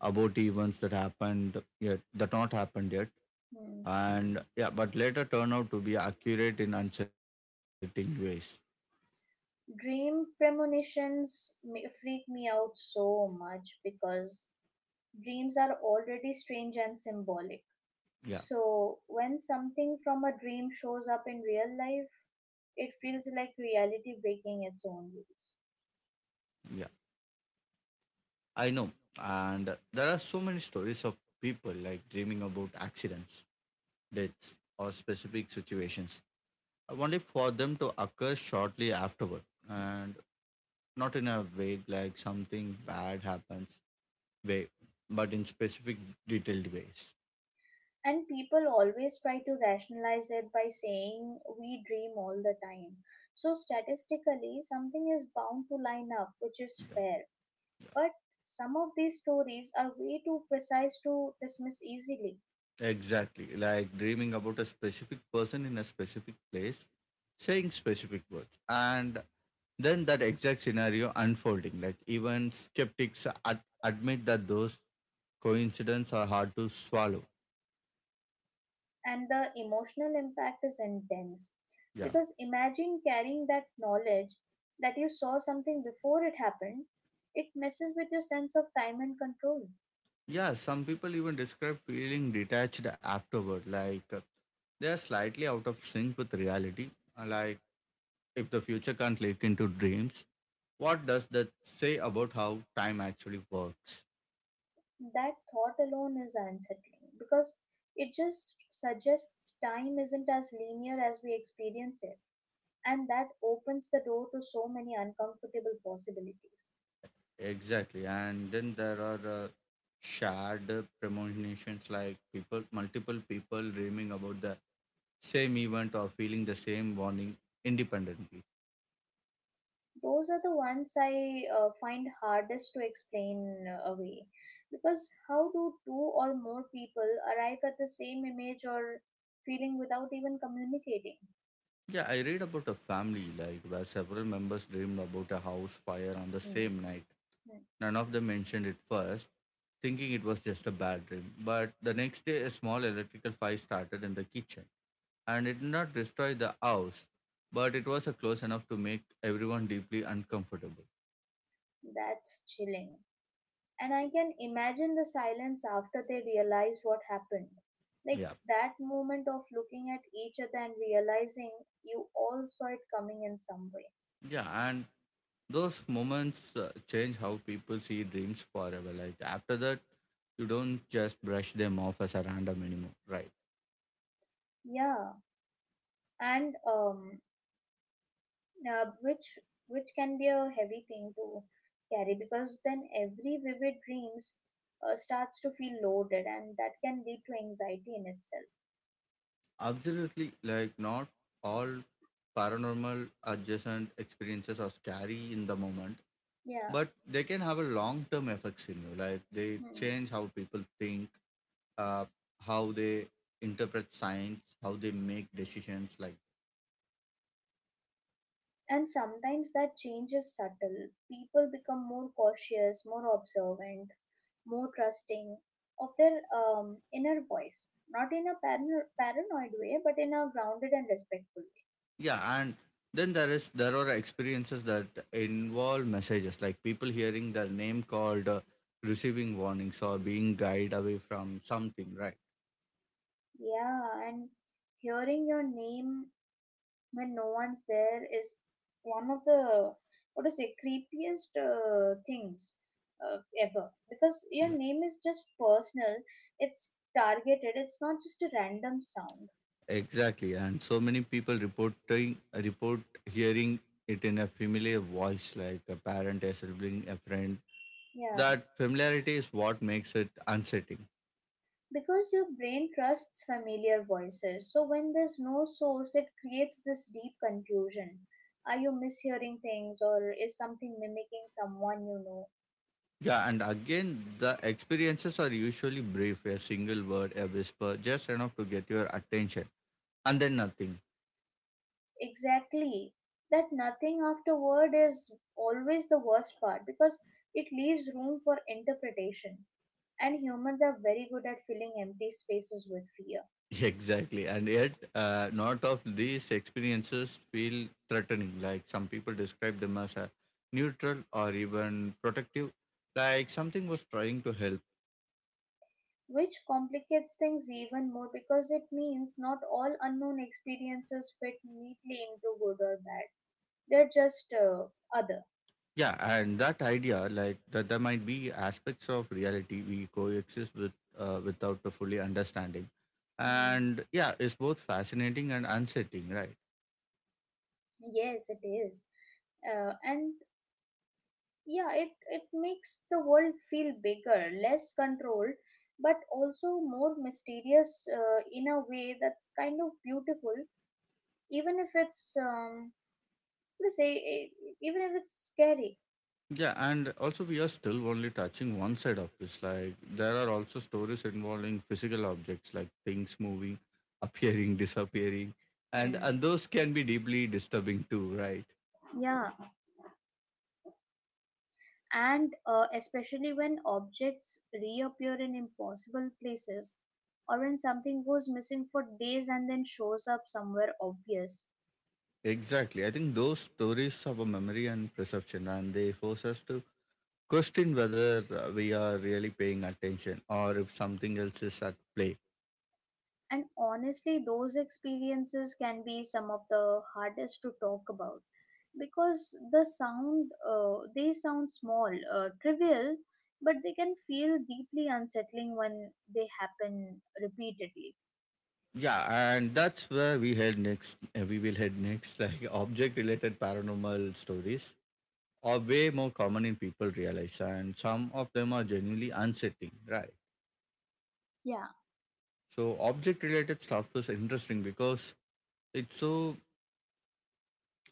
about events that happened yet that not happened yet, Hmm. and yeah, but later turn out to be accurate in uncertain ways. Dream premonitions ma- freak me out so much, because dreams are already strange and symbolic, yeah so when something from a dream shows up in real life it feels like reality breaking its own rules. yeah I know. And there are so many stories of people like dreaming about accidents, deaths or specific situations, only for them to occur shortly afterward, and not in a vague like something bad happens way, but in specific, detailed ways. And people always try to rationalize it by saying we dream all the time. So, statistically, something is bound to line up, which is Yeah. fair. But some of these stories are way too precise to dismiss easily, Exactly. Like dreaming about a specific person in a specific place, saying specific words. And then that exact scenario unfolding. Like even skeptics ad- admit that those coincidences are hard to swallow. and the emotional impact is intense. Yeah. Because imagine carrying that knowledge that you saw something before it happened, it messes with your sense of time and control. Yeah. Some people even describe feeling detached afterward. Like uh, they are slightly out of sync with reality. Uh, Like if the future can't leak into dreams, what does that say about how time actually works? That thought alone is unsettling, because it just suggests time isn't as linear as we experience it, and that opens the door to so many uncomfortable possibilities. Exactly. And then there are uh, shared premonitions like people, multiple people dreaming about the same event or feeling the same warning independently. Those are the ones I uh, find hardest to explain uh, away, because how do two or more people arrive at the same image or feeling without even communicating? Yeah, I read about a family like where several members dreamed about a house fire on the Hmm. same night. Hmm. None of them mentioned it first, thinking it was just a bad dream. But the next day, a small electrical fire started in the kitchen and it did not destroy the house, but it was a close enough to make everyone deeply uncomfortable. That's chilling, and I can imagine the silence after they realize what happened. Like Yeah. that moment of looking at each other and realizing you all saw it coming in some way. Yeah, and those moments uh, change how people see dreams forever. Like after that, you don't just brush them off as a random anymore, right? Yeah, and um, uh, which which can be a heavy thing to carry, because then every vivid dreams uh, starts to feel loaded, and that can lead to anxiety in itself. Absolutely. Like not all paranormal adjacent experiences are scary in the moment, Yeah. but they can have a long-term effects in you. Like they Hmm. change how people think, uh, how they interpret science, how they make decisions. Like And sometimes that change is subtle. People become more cautious, more observant, more trusting of their um, inner voice, not in a parano- paranoid way, but in a grounded and respectful yeah, and then there is there are experiences that involve messages, like people hearing their name called, uh, receiving warnings, or being guided away from something. Right. way. Yeah, and hearing your name when no one's there is one of the, what to say, creepiest uh, things uh, ever, because Yeah. your name is just personal. It's targeted. It's not just a random sound. Exactly, and so many people reporting report hearing it in a familiar voice, like a parent, a sibling, a friend. Yeah, That familiarity is what makes it unsettling. because your brain trusts familiar voices. So when there's no source, it creates this deep confusion. Are you mishearing things, or is something mimicking someone you know? Yeah, and again, the experiences are usually brief, a single word, a whisper, just enough to get your attention, and then nothing. Exactly. That nothing afterward is always the worst part, because it leaves room for interpretation. And humans are very good at filling empty spaces with fear, <laughs> Exactly. And yet, uh, not of these experiences feel threatening. Like some people describe them as a neutral or even protective, like something was trying to help. which complicates things even more because it means not all unknown experiences fit neatly into good or bad. They're just uh, other. Yeah, and that idea, like that, there might be aspects of reality we coexist with uh, without the fully understanding, Hmm. and yeah, it's both fascinating and unsettling, right? Yes, it is. Uh, and yeah, it, it makes the world feel bigger, less controlled, but also more mysterious uh, in a way that's kind of beautiful, even if it's, um, let's say, e- even if it's scary. Yeah, and also we are still only touching one side of this. Like there are also stories involving physical objects, like things moving, <laughs> appearing, disappearing, and Hmm. and those can be deeply disturbing too, right? Yeah, and uh, especially when objects reappear in impossible places, or when something goes missing for days and then shows up somewhere obvious. Exactly. I think those stories have a memory and perception, and they force us to question whether uh, we are really paying attention or if something else is at play. And honestly, those experiences can be some of the hardest to talk about, because the sound, uh, they sound small, uh, trivial, but they can feel deeply unsettling when they happen repeatedly. Yeah, and that's where we head next. uh, We will head next, <laughs> like object related paranormal stories are way more common in people realize, and some of them are genuinely unsettling, right? Yeah. So object related stuff is interesting because it's so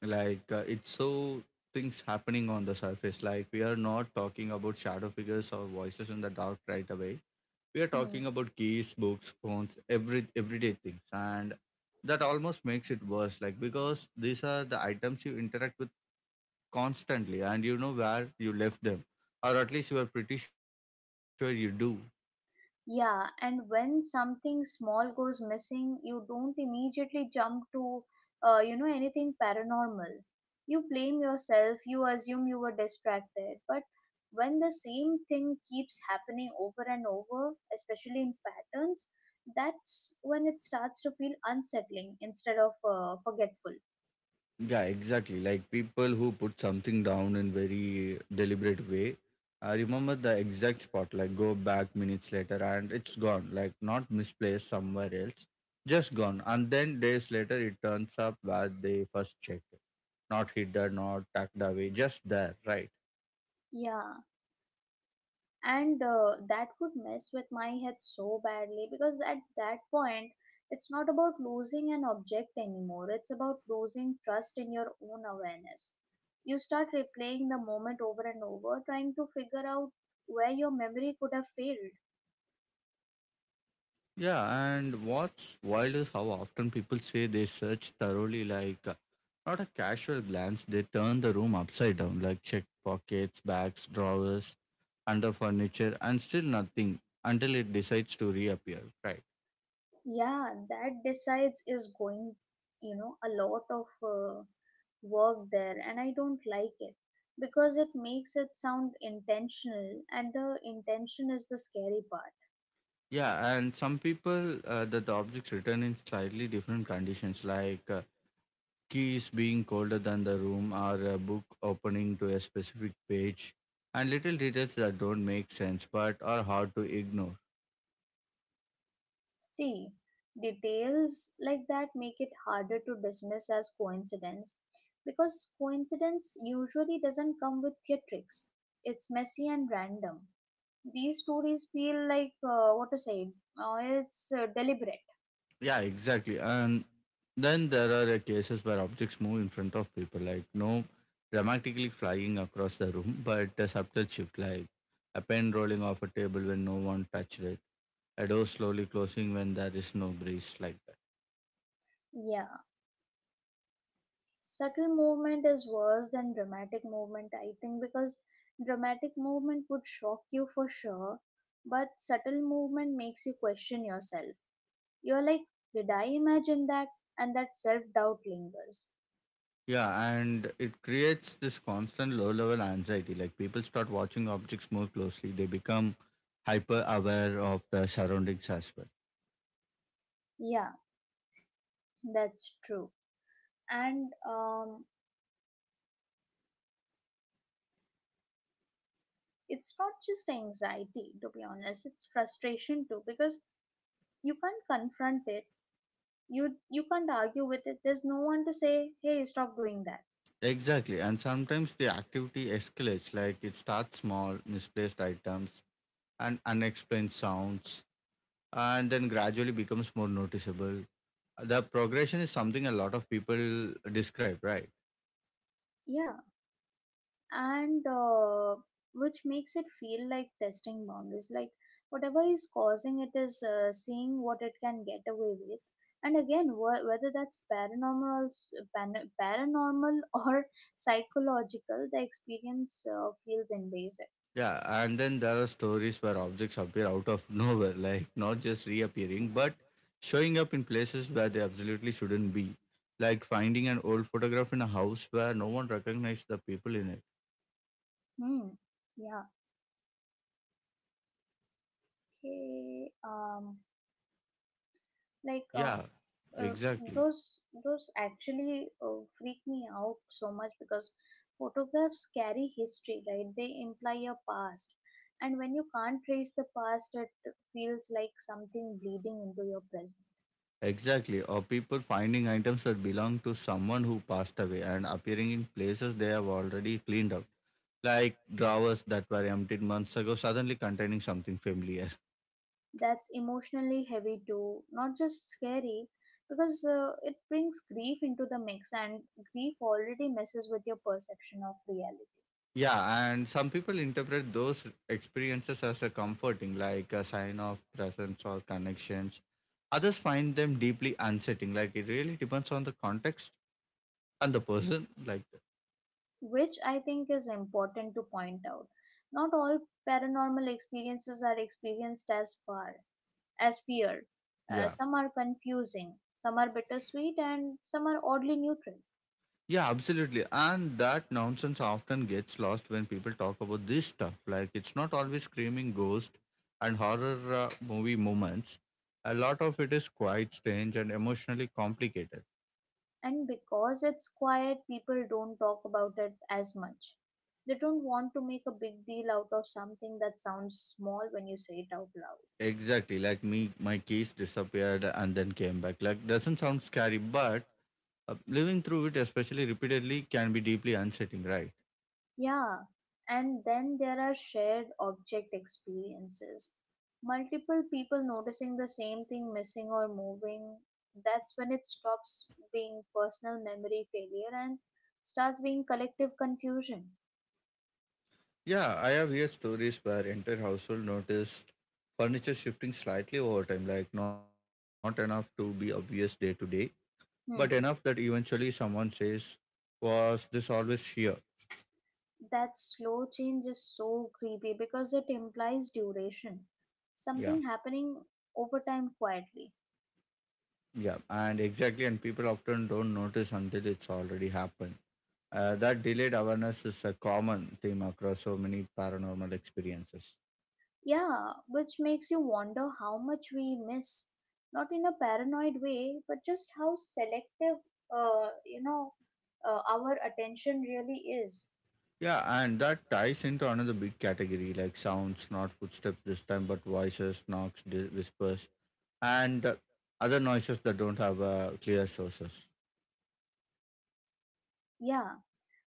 like uh, it's so things happening on the surface. Like we are not talking about shadow figures or voices in the dark right away. We are Hmm. talking about keys, books, phones, every everyday things, and that almost makes it worse. Like because these are the items you interact with constantly, and you know where you left them, or at least you are pretty sure you do. Yeah, and when something small goes missing, you don't immediately jump to, uh, you know, anything paranormal. You blame yourself, you assume you were distracted. But when the same thing keeps happening over and over, especially in patterns, that's when it starts to feel unsettling instead of uh, forgetful. Yeah, exactly. Like people who put something down in very deliberate way. I remember the exact spot, like go back minutes later and it's gone, like not misplaced somewhere else, just gone. And then days later it turns up where they first checked. Not hidden, not tucked away, just there, right? Yeah, and uh, that would mess with my head so badly, because at that point it's not about losing an object anymore. It's about losing trust in your own awareness. You start replaying the moment over and over, trying to figure out where your memory could have failed. Yeah, and what's wild is how often people say they search thoroughly, like uh, not a casual glance, they turn the room upside down, like check pockets, bags, drawers under furniture, and still nothing until it decides to reappear. Right. Yeah, that decides is going, you know, a lot of uh, work there, and I don't like it, because it makes it sound intentional, and the intention is the scary part. Yeah, and some people uh, that the objects return in slightly different conditions, like uh, keys being colder than the room or a book opening to a specific page, and little details that don't make sense but are hard to ignore. See, details like that make it harder to dismiss as coincidence, because coincidence usually doesn't come with theatrics. It's messy and random. These stories feel like, uh, what to say, uh, it's uh, deliberate. Yeah, exactly. And then there are uh, cases where objects move in front of people, like no dramatically flying across the room, <laughs> but a subtle shift, like a pen rolling off a table when no one touched it, a door slowly closing when there is no breeze, like that. Yeah, subtle movement is worse than dramatic movement, I think, because dramatic movement would shock you for sure, but subtle movement makes you question yourself. You're like, did I imagine that? And that self doubt lingers. Yeah, and it creates this constant low level anxiety. Like people start watching objects more closely, they become hyper aware of the surroundings as well. Yeah, that's true. And um, it's not just anxiety, to be honest, it's frustration too, because you can't confront it. You, you can't argue with it. There's no one to say, hey, stop doing that. Exactly. And sometimes the activity escalates, like it starts small, misplaced items, and unexplained sounds, and then gradually becomes more noticeable. The progression is something a lot of people describe, right? Yeah, and uh, which makes it feel like testing boundaries, like whatever is causing it is uh, seeing what it can get away with. And again, wh- whether that's paranormal or s- pan- paranormal <laughs> or psychological, the experience uh, feels invasive. Yeah. And then there are stories where objects appear out of <laughs> nowhere, like not just reappearing, but showing up in places where they absolutely shouldn't be, like finding an old photograph in a house where no one recognized the people in it. Hmm. Yeah, okay, um like uh, Yeah, uh, exactly. those those actually uh, freak me out so much, because photographs carry history, right? They imply a past, and when you can't trace the past, it feels like something bleeding into your present. Exactly, or people finding items that belong to someone who passed away and appearing in places they have already cleaned up, like drawers that were emptied months ago suddenly containing something familiar. That's emotionally heavy too, not just scary, because uh, it brings grief into the mix, and grief already messes with your perception of reality. Yeah, and some people interpret those experiences as a comforting, like a sign of presence or connections. Others find them deeply unsettling, like it really depends on the context and the person. Like, Which I think is important to point out. Not all paranormal experiences are experienced as far as fear. Uh, yeah. some are confusing, some are bittersweet, and some are oddly neutral. Yeah, absolutely. And that nonsense often gets lost when people talk about this stuff. Like, it's not always screaming ghost and horror uh, movie moments. A lot of it is quite strange and emotionally complicated. And because it's quiet, people don't talk about it as much. They don't want to make a big deal out of something that sounds small when you say it out loud. Exactly, like me, my keys disappeared and then came back. Like, doesn't sound scary, but Uh, living through it, especially repeatedly, can be deeply unsettling, right? Yeah, and then there are shared object experiences. Multiple people noticing the same thing missing or moving, that's when it stops being personal memory failure and starts being collective confusion. Yeah, I have heard stories where entire household noticed furniture shifting slightly over time, like not enough to be obvious day to day, but enough that Hmm. eventually someone says, was this always here? That slow change is so creepy, because it implies duration, Yeah, something happening over time, quietly. yeah, and exactly. And people often don't notice until it's already happened. Uh, that delayed awareness is a common theme across so many paranormal experiences. Yeah, which makes you wonder how much we miss, not in a paranoid way, but just how selective, uh, you know, uh, our attention really is. Yeah, and that ties into another big category like sounds, not footsteps this time, but voices, knocks, di- whispers, and uh, other noises that don't have uh, clear sources. Yeah,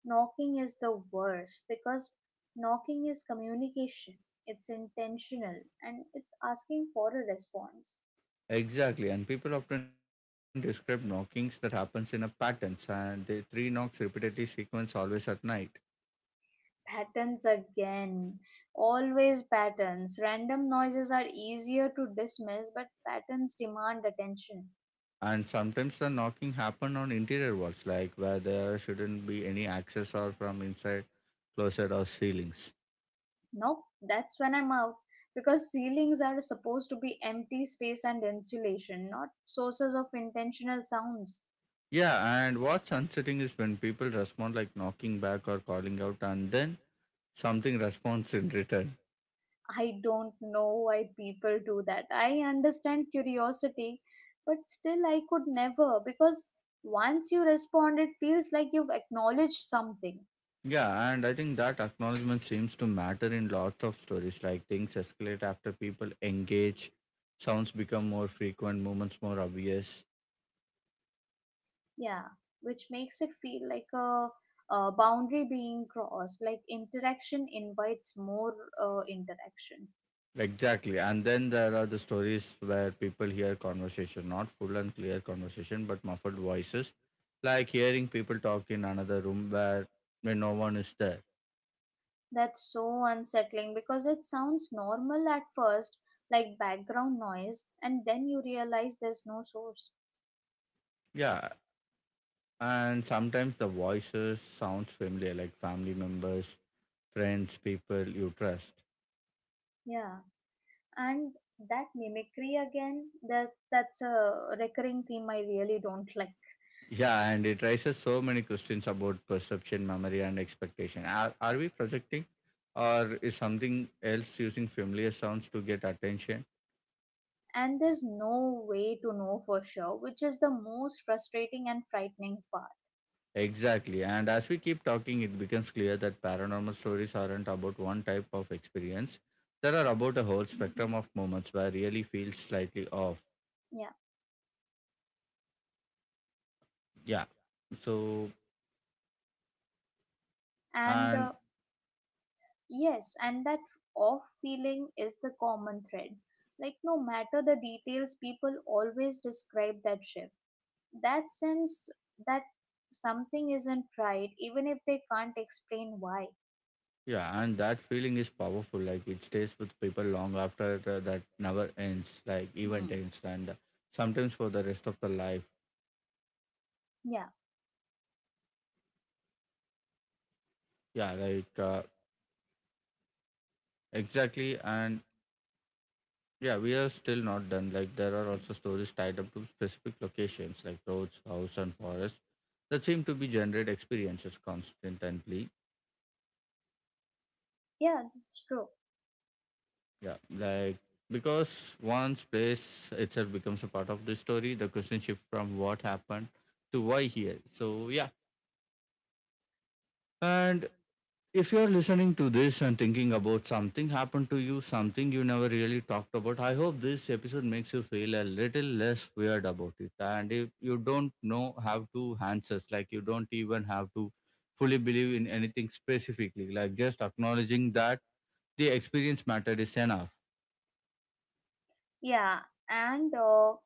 knocking is the worst, because knocking is communication, it's intentional, and it's asking for a response. Exactly, and people often describe knockings that happens in a patterns, and the three knocks repeatedly sequence always at night. Patterns again, always patterns. Random noises are easier to dismiss, but patterns demand attention. And sometimes the knocking happen on interior walls, like where there shouldn't be any access or from inside closet or ceilings. Nope, that's when I'm out, because ceilings are supposed to be empty space and insulation, not sources of intentional sounds. Yeah, and what's unsettling is when people respond like knocking back or calling out, and then something responds in return. I don't know why people do that. I understand curiosity, but still, I could never, because once you respond, it feels like you've acknowledged something. Yeah, and I think that acknowledgement seems to matter in lots of stories. Like things escalate after people engage, sounds become more frequent, movements more obvious. Yeah, which makes it feel like a, a boundary being crossed, like interaction invites more uh, interaction. Exactly. And then there are the stories where people hear conversation, not full and clear conversation, but muffled voices, like hearing people talk in another room where when no one is there. That's so unsettling, because it sounds normal at first, like background noise, and then you realize there's no source. Yeah. And sometimes the voices sounds familiar, like family members, friends, people you trust. Yeah, and that mimicry again, that that's a recurring theme I really don't like. Yeah, and it raises so many questions about perception, memory, and expectation. Are, are we projecting, or is something else using familiar sounds to get attention? And there's no way to know for sure, which is the most frustrating and frightening part. Exactly. And as we keep talking, it becomes clear that paranormal stories aren't about one type of experience. They are about a whole spectrum of moments where really feels slightly off. Yeah, Yeah. So, and and uh, yes, and that off feeling is the common thread. Like no matter the details, people always describe that shift, that sense that something isn't right, even if they can't explain why. yeah, and that feeling is powerful. Like it stays with people long after the, that never ends, like event Hmm. ends, and uh, sometimes for the rest of the life. Yeah, Yeah, like uh, exactly. And yeah, we are still not done. Like there are also stories tied up to specific locations, like roads, house, and forest, that seem to be generate experiences constantly. yeah, that's true. Yeah, like because once place itself becomes a part of the story, the question shift from what happened to why here. So yeah. And if you're listening to this and thinking about something happened to you, something you never really talked about, I hope this episode makes you feel a little less weird about it. And if you don't know how to answers, like you don't even have to fully believe in anything specifically, like just acknowledging that the experience mattered is enough. Yeah, and uh,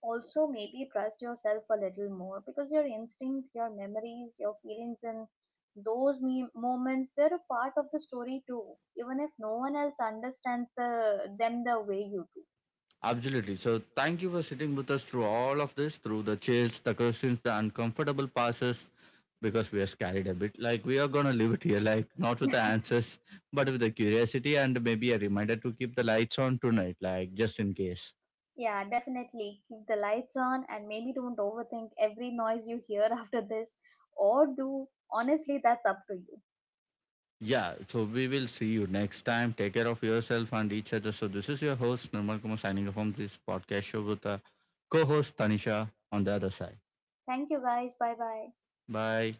also maybe trust yourself a little more, because your instinct, your memories, your feelings, and those me- moments, they're a part of the story too, even if no one else understands the them the way you do. Absolutely. So thank you for sitting with us through all of this, through the chills, the questions, the uncomfortable passes, because we are scared a bit. Like we are gonna leave it here, like not with the <laughs> answers, but with the curiosity and maybe a reminder to keep the lights on tonight, like just in case. Yeah, definitely. Keep the lights on, and maybe don't overthink every noise you hear <laughs> after this. Or do. Honestly, that's up to you. Yeah, so we will see you next time. Take care of yourself and each other. So this is your host Nirmal Kumar signing off from this podcast show with the co-host Tanisha on the other side. Thank you guys. Bye bye. Bye.